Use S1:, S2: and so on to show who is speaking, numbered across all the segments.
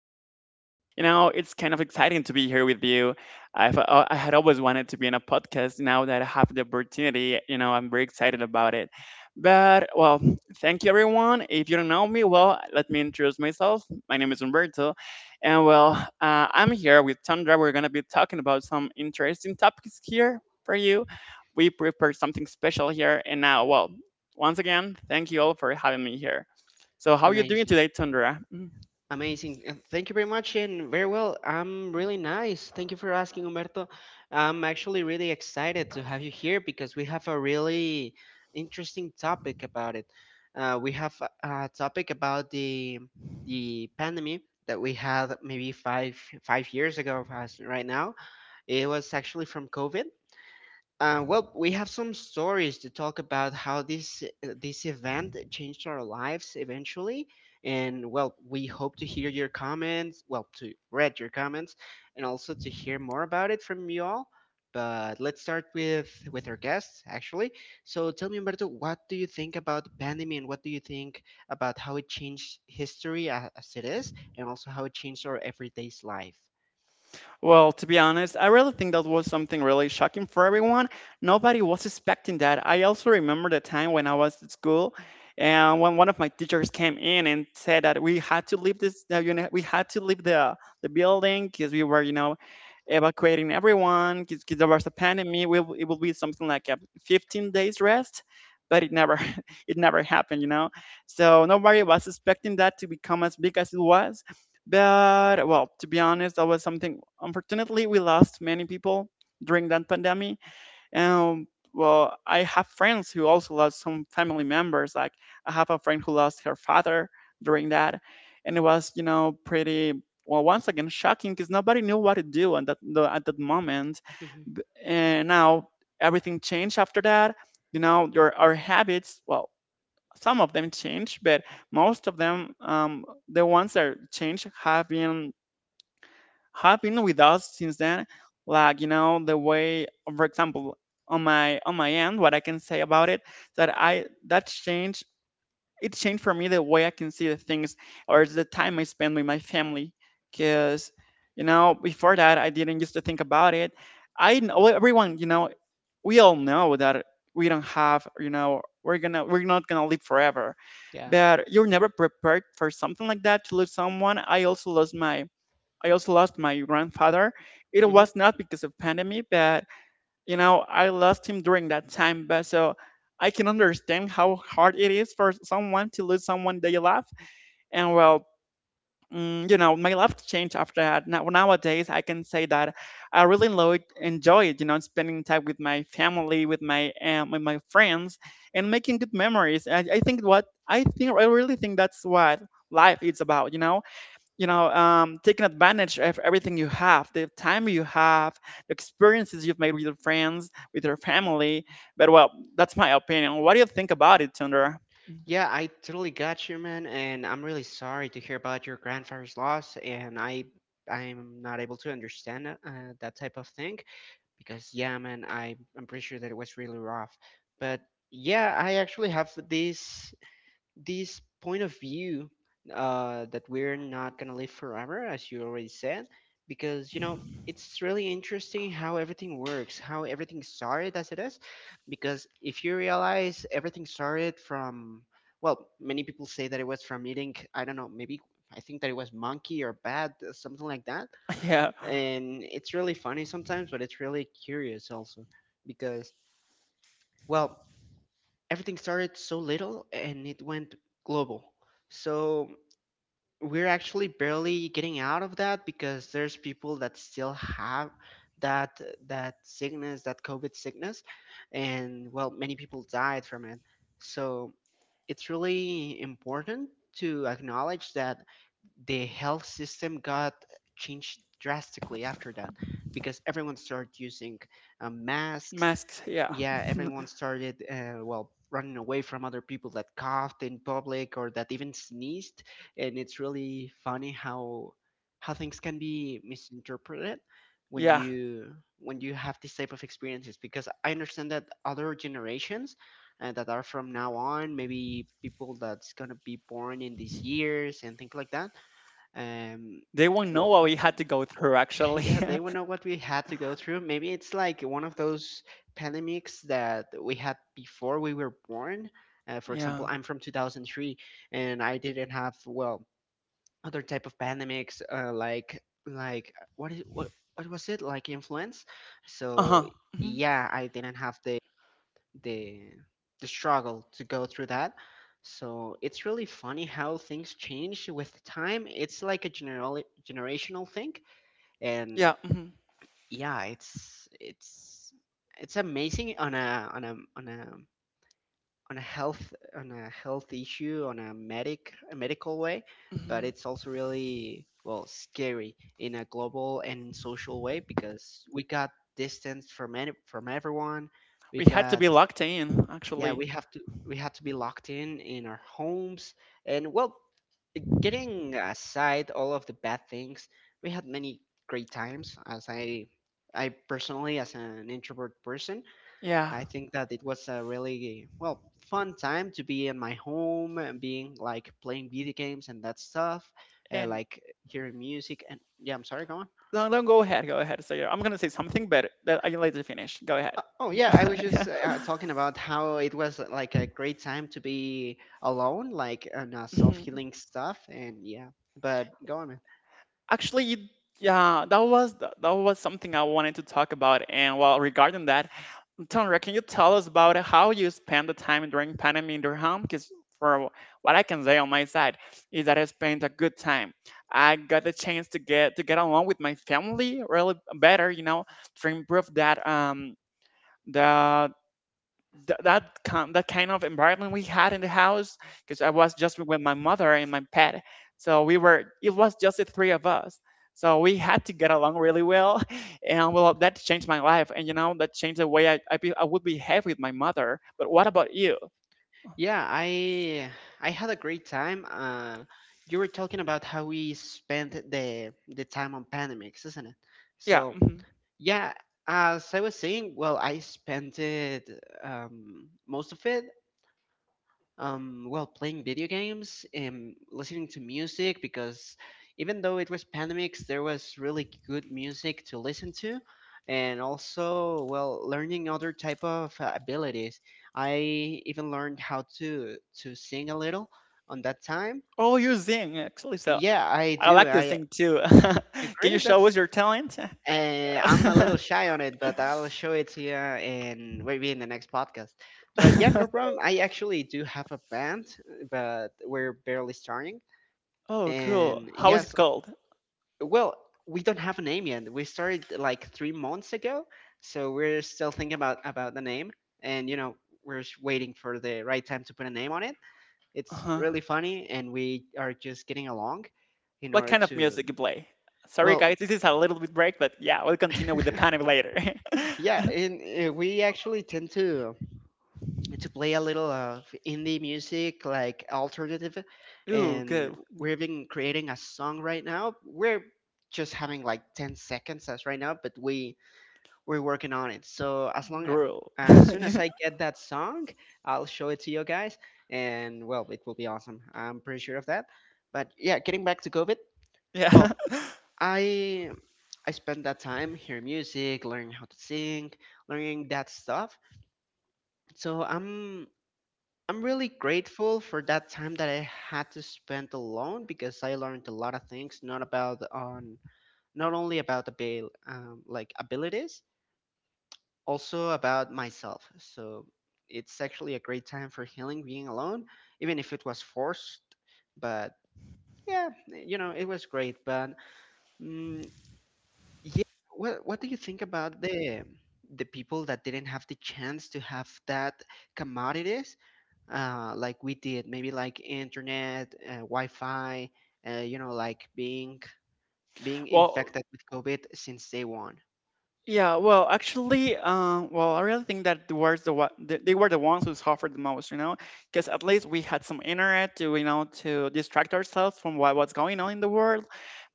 S1: me over. You know, it's kind of exciting to be here with you. I had always wanted to be in a podcast. Now that I have the opportunity, you know, I'm very excited about it. But, well, thank you, everyone. If you don't know me, well, let me introduce myself. My name is Umberto. And, well, I'm here with Tundra. We're going to be talking about some interesting topics here for you. We prepared something special here. And now, well, once again, thank you all for having me here. So, how are you doing
S2: Amazing.
S1: today, Tundra? Mm-hmm.
S2: Amazing. Thank you very much and very well. I'm really nice. Thank you for asking, Humberto. I'm actually really excited to have you here because we have a really interesting topic about it. We have a topic about the pandemic that we had maybe five years ago as right now. It was actually from COVID. Well, we have some stories to talk about how this event changed our lives eventually, and well, we hope to hear your comments. Well, to read your comments, and also to hear more about it from you all. But let's start with our guests actually. So tell me, Humberto, what do you think about the pandemic, and what do you think about how it changed history as it is, and also how it changed our everyday's life?
S1: Well, to be honest, I really think that was something really shocking for everyone. Nobody was expecting that. I also remember the time when I was at school, and when one of my teachers came in and said that we had to leave this the uni- we had to leave the building because we were, you know, evacuating everyone because there was a pandemic. We, it will be something like a 15 days rest, but it never it never happened, you know. So nobody was expecting that to become as big as it was. But well, to be honest, that was something. Unfortunately, we lost many people during that pandemic, and well, I have friends who also lost some family members. Like, I have a friend who lost her father during that, and it was, you know, pretty, well, once again shocking because nobody knew what to do at at that moment.
S2: Hmm.
S1: And now everything changed after that. You know, your our habits. Well, some of them changed, but most of them, the ones that changed, have been, have been with us since then. Like, you know, the way, for example, on my end, what I can say about it, that I that changed. It changed for me the way I can see the things, or it's the time I spend with my family. Because, you know, before that I didn't used to think about it. I know, everyone, you know, we all know that we don't have, you know, we're not gonna live forever,
S2: Yeah.
S1: but you're never prepared for something like that, to lose someone. I also lost my grandfather. It was not because of pandemic, but, you know, I lost him during that time. But so I can understand how hard it is for someone to lose someone they love. And well, you know, my life changed after that. Now, nowadays, I can say that I really enjoy, you know, spending time with my family, with my friends, and making good memories. I really think that's what life is about. You know, taking advantage of everything you have, the time you have, the experiences you've made with your friends, with your family. But well, that's my opinion. What do you think about it, Tundra?
S2: Yeah, I totally got you, man, and I'm really sorry to hear about your grandfather's loss, and I'm not able to understand that type of thing because yeah, man, I'm pretty sure that it was really rough. But yeah, I actually have this point of view that we're not going to live forever, as you already said, because, you know, it's really interesting how everything works, how everything started as it is. Because if you realize everything started from, well, many people say that it was from eating, I don't know, maybe I think that it was monkey or bat, something like that.
S1: Yeah.
S2: And it's really funny sometimes, but it's really curious also because, well, everything started so little and it went global. So we're actually barely getting out of that because there's people that still have that that sickness, that COVID sickness, and well, many people died from it. So it's really important to acknowledge that the health system got changed drastically after that because everyone started using masks.
S1: Masks, yeah.
S2: Yeah, everyone started, well, running away from other people that coughed in public or that even sneezed. And it's really funny how things can be misinterpreted when
S1: Yeah,
S2: you when you have this type of experiences. Because I understand that other generations that are from now on, maybe people that's gonna be born in these years and things like that, um,
S1: they won't know
S2: well,
S1: what we had to go through actually.
S2: yeah, they would know what we had to go through. Maybe it's like one of those pandemics that we had before we were born. For example,
S1: Yeah.
S2: I'm from 2003, and I didn't have well other type of pandemics like what is what was it like, influence? So
S1: Uh-huh. Mhm.
S2: yeah, I didn't have the the struggle to go through that. So it's really funny how things change with time. It's like a general generational thing, and
S1: Yeah. Hmm.
S2: yeah, it's amazing on a on a on a on a health issue, on a medical way, but
S1: Hmm.
S2: it's also really, well, scary in a global and social way because we got distance from everyone. We
S1: We had to
S2: got,
S1: be locked in
S2: yeah,
S1: actually.
S2: we had to be locked in our homes. And well, getting aside all of the bad things, we had many great times. As I personally, as an introvert person,
S1: Yeah.
S2: I think that it was a really, well, fun time to be in my home and being like playing video games and that stuff,
S1: And
S2: like hearing music, and yeah. I'm sorry, go on.
S1: no, no, go ahead, go ahead. Say I'm gonna say something. Better that I let you finish. Go ahead.
S2: Oh yeah, I was just talking about how it was like a great time to be alone, like on self
S1: Mhm.
S2: healing stuff, and yeah. But go on, man.
S1: Actually, yeah, that was that was something I wanted to talk about. And well, regarding that, Tonra, can you tell us about how you spend the time during pandemic in your home? Because for what I can say on my side is that I spent a good time. I got the chance to get along with my family really better, you know, to improve that the that kind of environment we had in the house, because I was just with my mother and my pet, so we were it was just the three of us. So we had to get along really well, and well, that changed my life, and you know, that changed the way I would behave with my mother. But what about you?
S2: Yeah, I had a great time. You were talking about how we spent the time on Panamex, isn't it?
S1: Yeah.
S2: So
S1: Mhm.
S2: yeah, as I was saying, well, I spent it most of it, well, playing video games and listening to music because even though it was pandemics, there was really good music to listen to, and also, well, learning other type of abilities. I even learned how to sing a little on that time.
S1: Oh, you sing actually. So
S2: Yeah, I
S1: I
S2: do.
S1: like to
S2: I
S1: sing too. Can you
S2: agree.
S1: show
S2: That's
S1: us your talent?
S2: I'm a little shy on it, but I'll show it to you in maybe in the next podcast. But yeah, no problem. I actually do have a band, but we're barely starting.
S1: Oh, cool.
S2: And
S1: How is it
S2: yes,
S1: called?
S2: well, we don't have a name yet. We started like 3 months ago, so we're still thinking about the name. And you know, we're just waiting for the right time to put a name on it.
S1: Uh
S2: It's
S1: huh.
S2: really funny, and we are just getting along in
S1: What
S2: order
S1: kind of
S2: to.
S1: music you play? Sorry, guys,
S2: Well,
S1: this is a little bit break, but yeah, we'll continue with the panel later.
S2: yeah, and we actually tend to play a little of indie music, like alternative,
S1: Ooh,
S2: and
S1: good.
S2: we're even creating a song right now. We're just having like 10 seconds as right now, but we're working on it. So
S1: Gruel.
S2: as soon as I get that song, I'll show it to you guys, and well, it will be awesome. I'm pretty sure of that. But yeah, getting back to COVID,
S1: Yeah.
S2: well, I I spent that time hearing music, learning how to sing, learning that stuff. So I'm really grateful for that time that I had to spend alone because I learned a lot of things, not only about abil like abilities, also about myself. So it's actually a great time for healing being alone, even if it was forced. But yeah, you know, it was great. But mm, yeah, what do you think about the people that didn't have the chance to have that commodity like we did, maybe like internet, Wi-Fi, like being
S1: Well,
S2: infected with COVID since day one.
S1: yeah, well, actually, well, I really think that the words the what they were, the ones who suffered the most, you know, because at least we had some internet to, you know, to distract ourselves from what's going on in the world.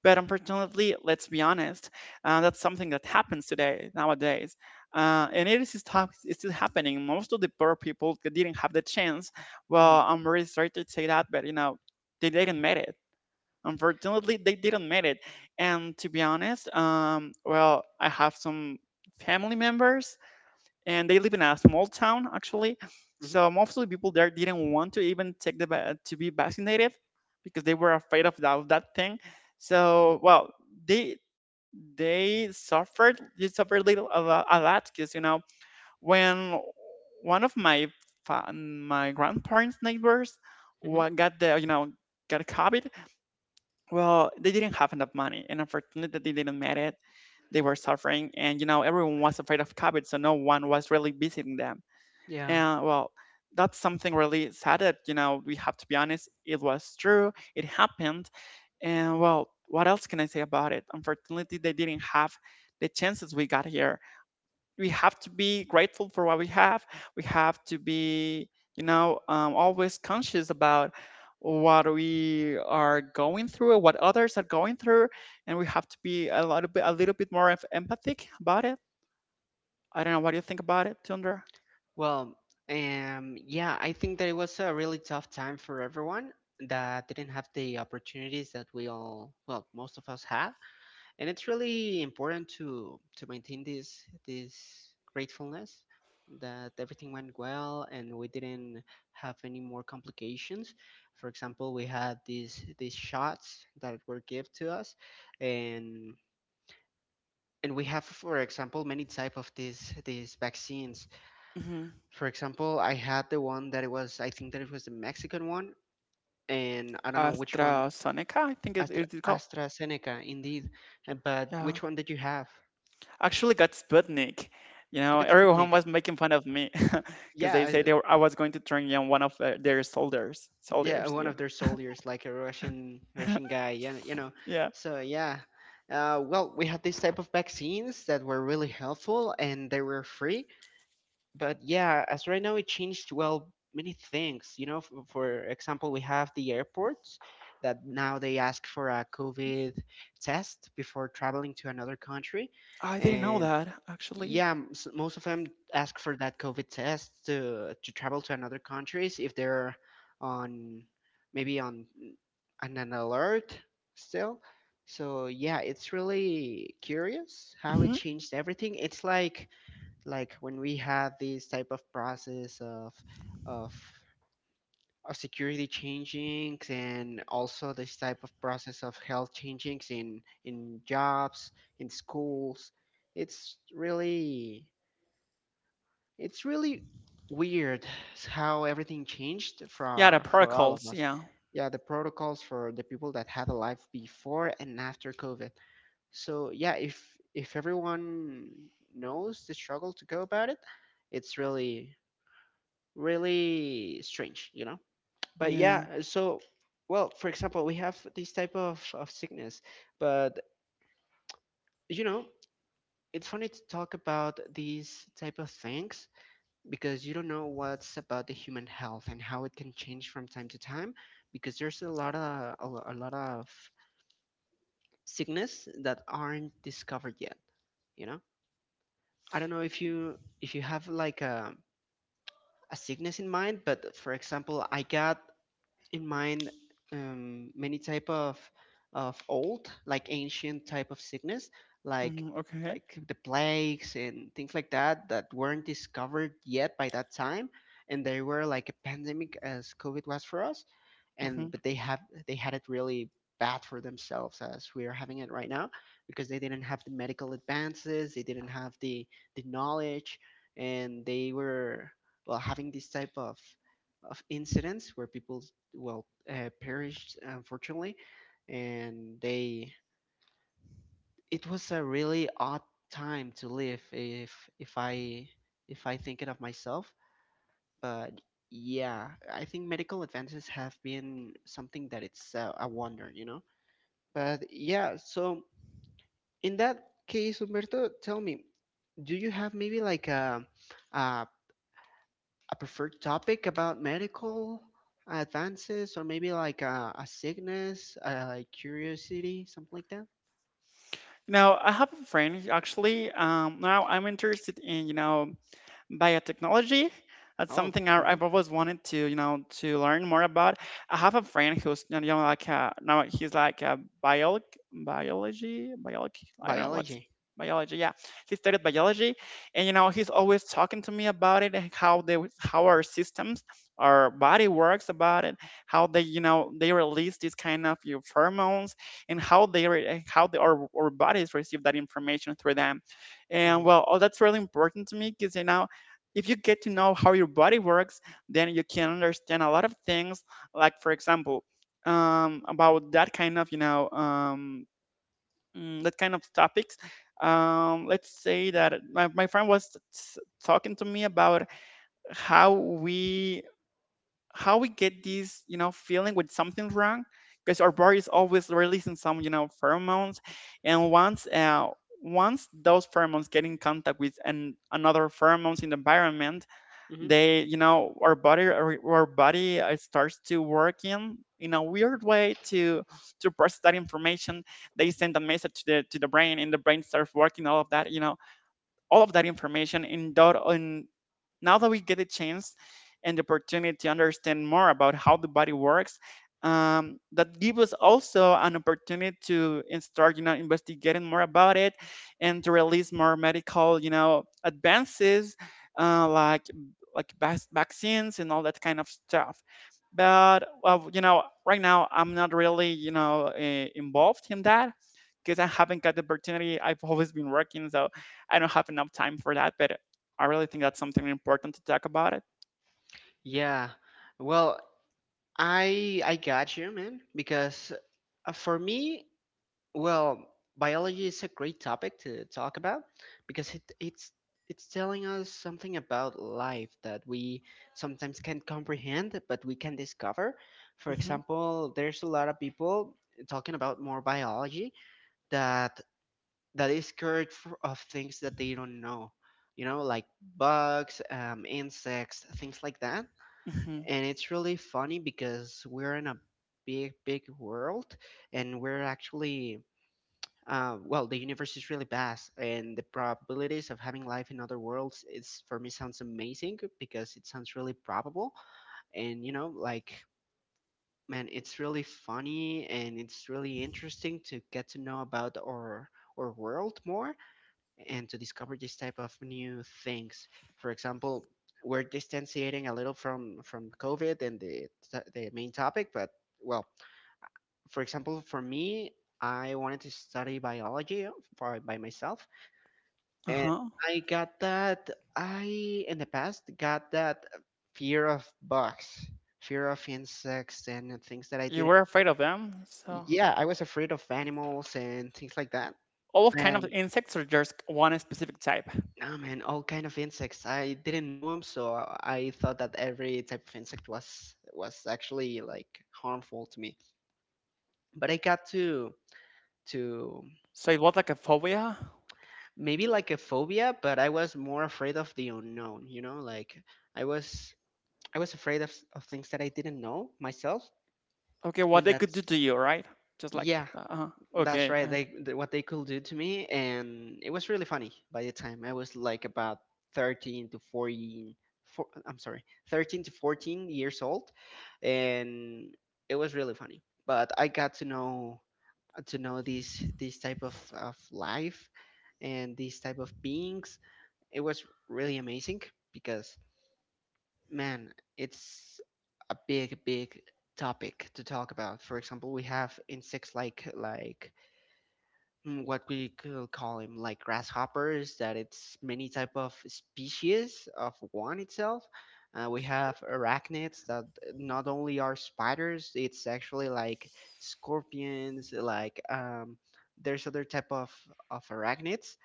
S1: But unfortunately, let's be honest, that's something that happens today nowadays, and it's still happening. Most of the poor people that didn't have the chance.
S2: Hmm.
S1: Well, I'm really sorry to say that, but you know, they didn't make it. Unfortunately, they didn't make it. And to be honest, well, I have some family members, and they live in a small town actually.
S2: Hmm.
S1: So most of the people there didn't want to even to be vaccinated, because they were afraid of that thing. So well, they, they suffered little a lot, a lot, because you know, when one of my my grandparents' neighbors
S2: Hmm.
S1: wa- got the you know got COVID, well, they didn't have enough money, and unfortunately, that they didn't make it. They were suffering, and you know, everyone was afraid of COVID, so no one was really visiting them.
S2: Yeah.
S1: And well, that's something really sad that, you know, we have to be honest. It was true. It happened, and well, what else can I say about it? Unfortunately, they didn't have the chances we got here. We have to be grateful for what we have. We have to be, you know, always conscious about what we are going through, what others are going through, and we have to be a little bit more of empathic about it. I don't know. What do you think about it, Tundra?
S2: Well, yeah, I think that it was a really tough time for everyone that didn't have the opportunities that we all, well, most of us had. And it's really important to maintain this gratefulness that everything went well and we didn't have any more complications. For example, we had these shots that were given to us, and and we have, for example, many type of these vaccines.
S1: Hmm.
S2: For example, I had the one that it was, I think that it was the Mexican one, and I don't know which one.
S1: AstraZeneca, I think it is called.
S2: Astrazeneca indeed. But
S1: Yeah,
S2: which one did you have?
S1: actually got Sputnik. You
S2: You
S1: know,
S2: got
S1: everyone
S2: Sputnik?
S1: was making fun of me because
S2: Yeah.
S1: they said they were, I was going to turn on one of their soldiers.
S2: Yeah,
S1: Soldiers,
S2: one
S1: yeah.
S2: of their soldiers, like a Russian guy, yeah,
S1: Yeah.
S2: so yeah. Well, we had these type of vaccines that were really helpful and they were free. But yeah, as right now it changed, well, many things, for example, we have the airports that now they ask for a COVID test before traveling to another country,
S1: I didn't know
S2: and.
S1: that actually.
S2: Yeah, most of them ask for that COVID test to travel to another countries if they're on maybe on an alert still. So yeah, it's really curious how it
S1: Hmm.
S2: changed everything. It's like when we had this type of process of of security changings, and also this type of process of health changings in jobs, in schools. It's really it's really weird, how everything changed
S1: Yeah, the
S2: for all of
S1: protocols.
S2: us.
S1: Yeah.
S2: Yeah, the protocols for the people that had a life before and after COVID. So yeah, if everyone knows the struggle to go about it, it's really really strange, you know. But
S1: Yeah.
S2: yeah, so well, for example, we have this type of sickness, but you know, it's funny to talk about these type of things because you don't know what's about the human health and how it can change from time to time because there's a lot of sickness that aren't discovered yet. You know i don't know if you have like a sickness in mind, but for example I got in mind, many type of old, like ancient, type of sickness, like
S1: Hmm. Okay.
S2: like the plagues and things like that that weren't discovered yet by that time, and they were like a pandemic as COVID was for us. and
S1: Hmm.
S2: but they have they had it really bad for themselves as we are having it right now because they didn't have the medical advances, they didn't have the knowledge, and they were, well, having this type of incidents where people, well, perished, unfortunately, and they it was a really odd time to live if I think it of myself. But yeah, I think medical advances have been something that it's a wonder, you know. But yeah, so in that case, Humberto, tell me, do you have maybe like a a preferred topic about medical advances, or maybe like a sickness, like curiosity, something like that?
S1: Now I have a friend actually. Now I'm interested in, you know, biotechnology. That's
S2: Oh,
S1: something
S2: hmm.
S1: I've always wanted to, you know, to learn more about. I have a friend who's, you know, like a, now he's like a biology. I don't know what's
S2: Biology.
S1: biology. Yeah, he studied biology, and you know, he's always talking to me about it, and how they, how our systems, our body works about it, how they, you know, they release this kind of, you know, pheromones, and how they, how our bodies receive that information through them.
S2: Hmm.
S1: And well, oh, that's really important to me, because you know, if you get to know how your body works, then you can understand a lot of things. Like for example, about that kind of, you know, that kind of topics. Let's say that my friend was talking to me about how we, how we get this, you know, feeling when something's wrong, because our body is always releasing some, you know, pheromones, and once once those pheromones get in contact with another pheromones in the environment,
S2: Hmm.
S1: they, you know, our body starts to work in a weird way to process that information. They send a message to the brain, and the brain starts working all of that, you know, all of that information in dot in now that we get a chance and the opportunity to understand more about how the body works, that give us also an opportunity to start, you know, investigating more about it, and to release more medical, you know, advances, like vaccines and all that kind of stuff. But well, you know, right now I'm not really, you know, involved in that, because I haven't got the opportunity. I've always been working, so I don't have enough time for that. But I really think that's something important to talk about it.
S2: Yeah. Well, I got you, man, because for me, well, biology is a great topic to talk about because it's it's telling us something about life that we sometimes can't comprehend, but we can discover. For
S1: Hmm.
S2: example, there's a lot of people talking about more biology that that is scared f of things that they don't know, you know, like bugs, insects, things like that.
S1: Hmm.
S2: And it's really funny because we're in a big, big world, and we're actually well, the universe is really vast, and the probabilities of having life in other worlds is for me sounds amazing because it sounds really probable. And you know, like, man, it's really funny and it's really interesting to get to know about our world more and to discover this type of new things. For example, we're distanciating a little from COVID and the main topic, but well, for example, for me, I wanted to study biology for, by myself, and
S1: Uh-huh.
S2: I got that. I, in the past, got that fear of bugs, fear of insects, and things that I
S1: You
S2: didn't.
S1: were afraid of them, so
S2: Yeah, I was afraid of animals and things like that.
S1: all of kind of
S2: And
S1: insects or just one specific type?
S2: oh, man, all kind of insects. I didn't know them, so I thought that every type of insect was actually like harmful to me. But I got to
S1: So it was like a phobia.
S2: maybe like a phobia, but I was more afraid of the unknown. You know, like, I was I was afraid of, s- of things that I didn't know myself,
S1: Okay, what
S2: and
S1: they could do
S2: that's
S1: to you, right? Just like
S2: yeah,
S1: uh, uh,
S2: that's
S1: okay.
S2: right. They th- what they could do to me, and it was really funny. By the time I was like about 13 to 14, four, I'm sorry, 13 to 14 years old, and it was really funny. But I got to know these type of life and these type of beings. It was really amazing because, man, it's a big, big topic to talk about. For example, we have insects like mm, what we could call them like grasshoppers, that it's many type of species of one itself. We have arachnids that not only are spiders, it's actually like scorpions, like, there's other type of arachnids.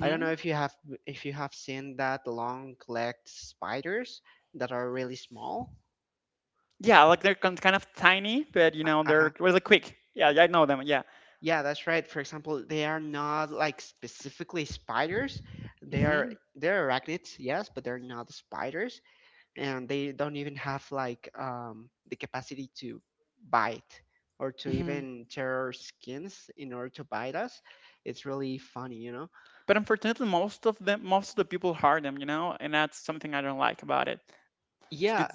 S2: I don't know if you have seen that long-legged spiders that are really small.
S1: Yeah, like they're kind of tiny, but you know they're
S2: Uh-huh.
S1: really quick. Yeah, yeah, I know them. Yeah.
S2: Yeah, that's right. For example, they are not like specifically spiders. They are
S1: hmm
S2: they're arachnids, yes, but they're not spiders, and they don't even have like the capacity to bite or to
S1: hmm
S2: even tear our skins in order to bite us. It's really funny, you know.
S1: But unfortunately, most of the people hurt them, you know, and that's something I don't like about it. It's
S2: Yeah,
S1: good.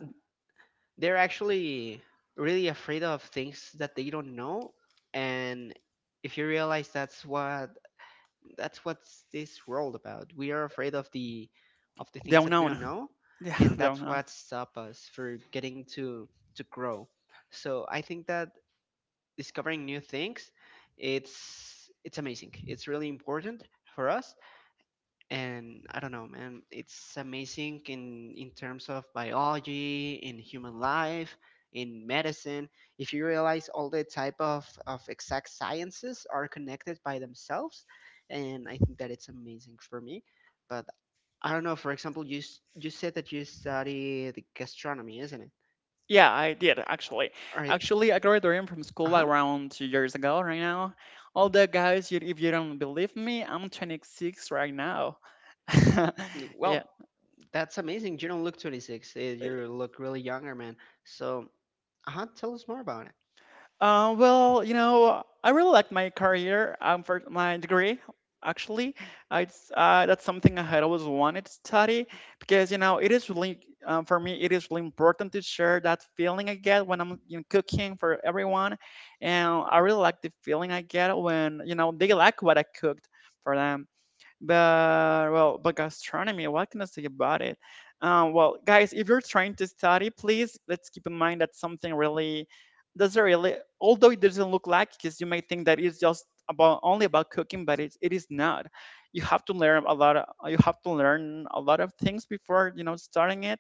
S2: they're actually really afraid of things that they don't know, and if you realize that's what's this world about. We are afraid of the things
S1: Not
S2: that we
S1: know.
S2: don't know,
S1: Yeah,
S2: and
S1: they don't
S2: that's
S1: know.
S2: what stop us for getting to grow. So I think that discovering new things, it's amazing. It's really important for us, and I don't know, man, it's amazing in terms of biology, in human life, in medicine. If you realize all the type of exact sciences are connected by themselves, and I think that it's amazing for me. But I don't know. For example, you s- you said that you study the gastronomy, isn't it?
S1: Yeah, I did actually.
S2: All right.
S1: Actually, I graduated from
S2: Uh
S1: school
S2: huh.
S1: around 2 years ago. Right now, all the guys, you, if you don't believe me, I'm 26 right now. Yeah.
S2: Well, that's amazing. You don't look 26. You look really younger, man. So, uh huh. Tell us more about it.
S1: Well, you know, I really like my career for my degree. Actually, that's something I had always wanted to study because you know it is really for me it is really important to share that feeling I get when I'm, you know, cooking for everyone, and I really like the feeling I get when you know they like what I cooked for them. But well, but gastronomy, what can I say about it? Well, guys, if you're trying to study, please let's keep in mind that something really doesn't really, although it doesn't look like, because you may think that it's just about only about cooking, but it is not. You have to learn a lot. Of, you have to learn a lot of things before, you know, starting it.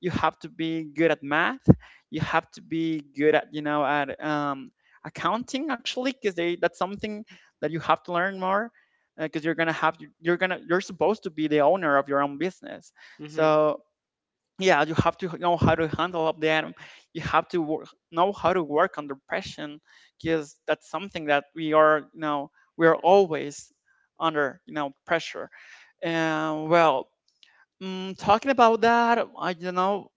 S1: You have to be good at math. You have to be good at, you know, at accounting actually, because that's something that you have to learn more because you're gonna have you're gonna you're supposed to be the owner of your own business,
S2: Mm-hmm.
S1: so yeah, you have to know how to handle up the item. You have to know how to work under pressure because that's something that we are, you know, we are always under, you know, pressure. And well, talking about that, I don't know,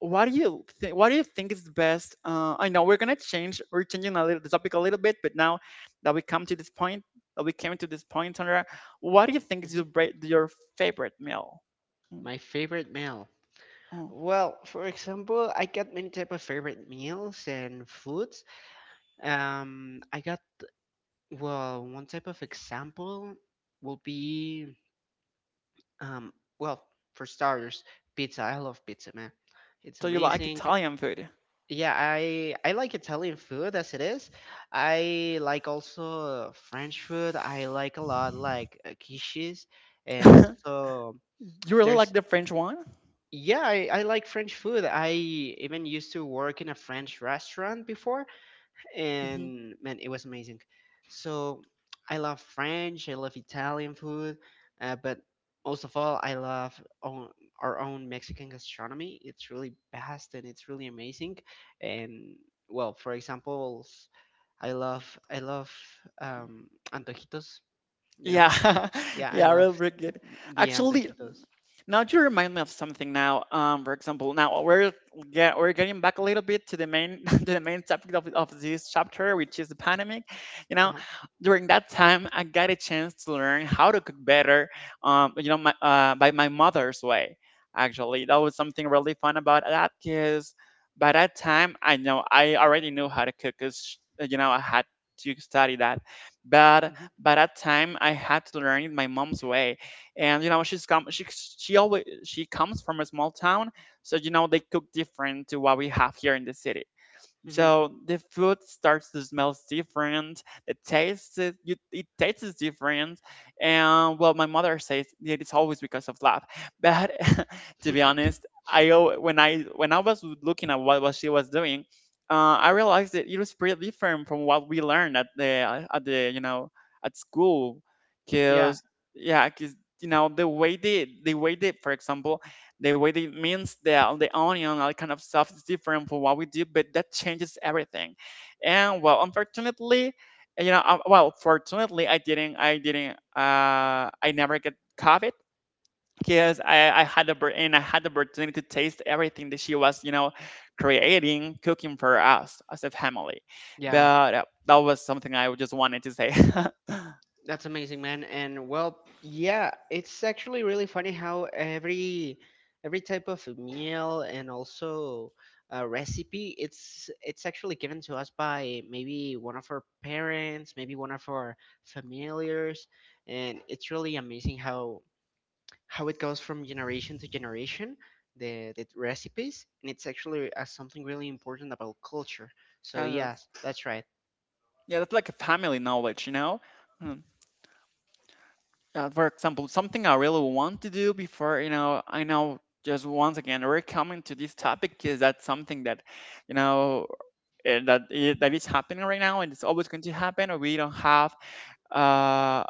S1: what do you think is the best? I know we're gonna change we're changing a little the topic a little bit, but now that we come to this point that we came to this point, Sandra, what do you think is your your favorite meal? Mm,
S2: My favorite meal.
S1: oh,
S2: Well, for example, I got many type of favorite meals and foods. I got, well, one type of example will be um well, for starters, pizza. I love pizza, man. It's
S1: so you like
S2: amazing.
S1: Italian food?
S2: Yeah, I like Italian food as it is. I like also French food. I like a lot like quiches and
S1: You
S2: also
S1: really
S2: there's
S1: like the French one?
S2: yeah, I like French food. I even used to work in a French restaurant before,
S1: Hmm.
S2: and man, it was amazing. So I love French, I love Italian food, but most of all, I love own, our own Mexican gastronomy. It's really vast and it's really amazing. And well, for example, s- I love I love, um, antojitos. You know,
S1: Yeah.
S2: yeah, I
S1: Yeah,
S2: love
S1: really, really good
S2: the
S1: actually.
S2: antojitos.
S1: Now you remind me of something. Now, for example, now we're we're getting back a little bit to the main to the main topic of this chapter, which is the pandemic. You
S2: Uh
S1: know,
S2: huh.
S1: during that time, I got a chance to learn how to cook better. You know, by my mother's way. Actually, that was something really fun about that because by that time, I know I already knew how to cook. Cause you know, I had to study that, but
S2: Hmm.
S1: by that time, I had to learn it my mom's way. And you know she always she comes from a small town, so you know they cook different to what we have here in the city,
S2: Hmm.
S1: so the food starts to smell different. The taste is, you, it tastes different, and well, my mother says it is always because of love. But to be honest, when I was looking at what was she was doing, I realized that it was pretty different from what we learned at the, you know, at school,
S2: Yeah.
S1: because yeah, because you know the way they, for example, the way they mince the onion, all kind of stuff is different from what we do, but that changes everything. And well, unfortunately, you know, fortunately, I never get COVID because I had the oppor- and I had the opportunity to taste everything that she was, you know, creating, cooking for us as a family.
S2: Yeah.
S1: But that was something I just wanted to say.
S2: That's amazing, man. And well, yeah, it's actually really funny how every type of meal and also a recipe it's actually given to us by maybe one of our parents, maybe one of our familiars, and it's really amazing how it goes from generation to generation, the recipes, and it's actually something really important about culture. So
S1: Uh,
S2: yes, that's right.
S1: yeah, that's like a family knowledge, you know. For example, something I really want to do before, you know, I know, just once again, we're coming to this topic is that something that, you know, that is happening right now and it's always going to happen. Or uh,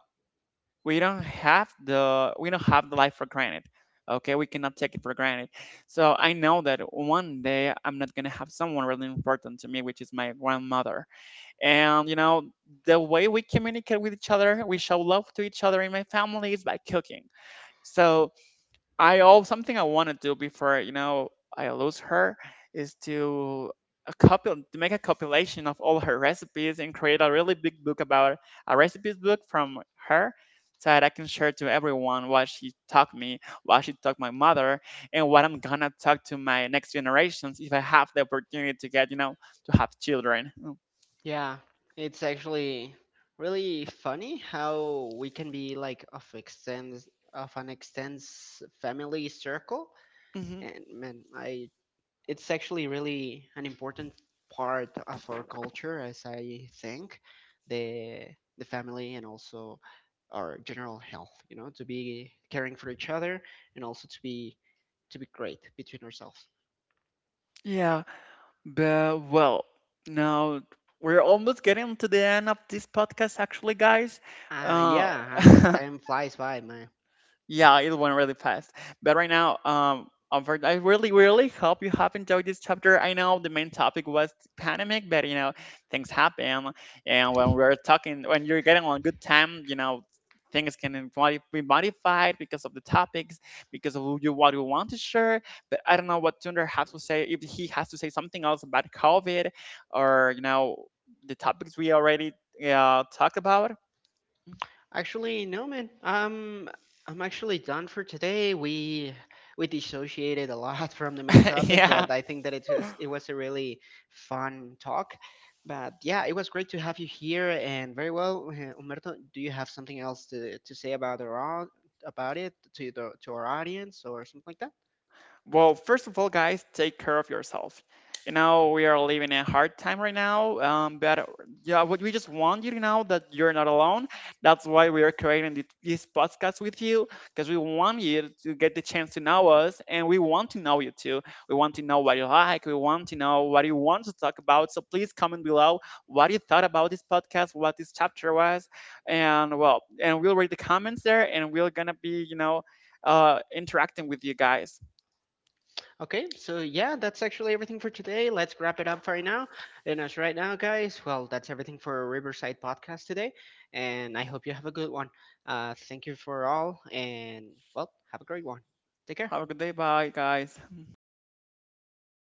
S1: we don't have the life for granted. Okay, we cannot take it for granted. So I know that one day I'm not gonna have someone really important to me, which is my grandmother. And you know, the way we communicate with each other, we show love to each other in my family is by cooking, so I all something I want to do before you know I lose her is to a couple to make a compilation of all her recipes and create a really big book about a recipes book from her, so that I can share to everyone what she taught me, what she taught my mother, and what I'm gonna talk to my next generations if I have the opportunity to get, you know, to have children.
S2: Yeah, it's actually really funny how we can be like of extends of an extends family circle,
S1: Mm-hmm.
S2: and man, I it's actually really an important part of our culture, as I think, the the family and also our general health. You know, to be caring for each other and also to be great between ourselves.
S1: Yeah. But, well, now we're almost getting to the end of this podcast, actually, guys.
S2: Uh,
S1: Uh,
S2: yeah, uh, time flies by, man.
S1: Yeah, it went really fast. But right now, Albert, I really, really hope you have enjoyed this chapter. I know the main topic was pandemic, but you know, things happen, and when we're talking, when you're getting on good time, you know, things can be modified because of the topics, because of who you what you want to share. But I don't know what Tunder has to say if he has to say something else about COVID, or you know, the topics we already talked about.
S2: Actually, no, man. I'm actually done for today. We dissociated a lot from the main topic,
S1: Yeah.
S2: but I think that it was a really fun talk. But yeah, it was great to have you here, and very well, Umberto. Do you have something else to say about our au- about it to the to our audience or something like that?
S1: Well, first of all, guys, take care of yourself. You know, we are living a hard time right now, but yeah, what we just want you to know that you're not alone. That's why we are creating this podcast with you, because we want you to get the chance to know us, and we want to know you too. We want to know what you like. We want to know what you want to talk about. So please comment below what you thought about this podcast, what this chapter was, and well, and we'll read the comments there, and we're gonna be, you know, interacting with you guys.
S2: Okay, so yeah, that's actually everything for today. Let's wrap it up for right now. And as right now, guys, well, that's everything for Riverside Podcast today. And I hope you have a good one. Thank you for all, and well, have a great one. Take care.
S1: Have a good day. Bye, guys.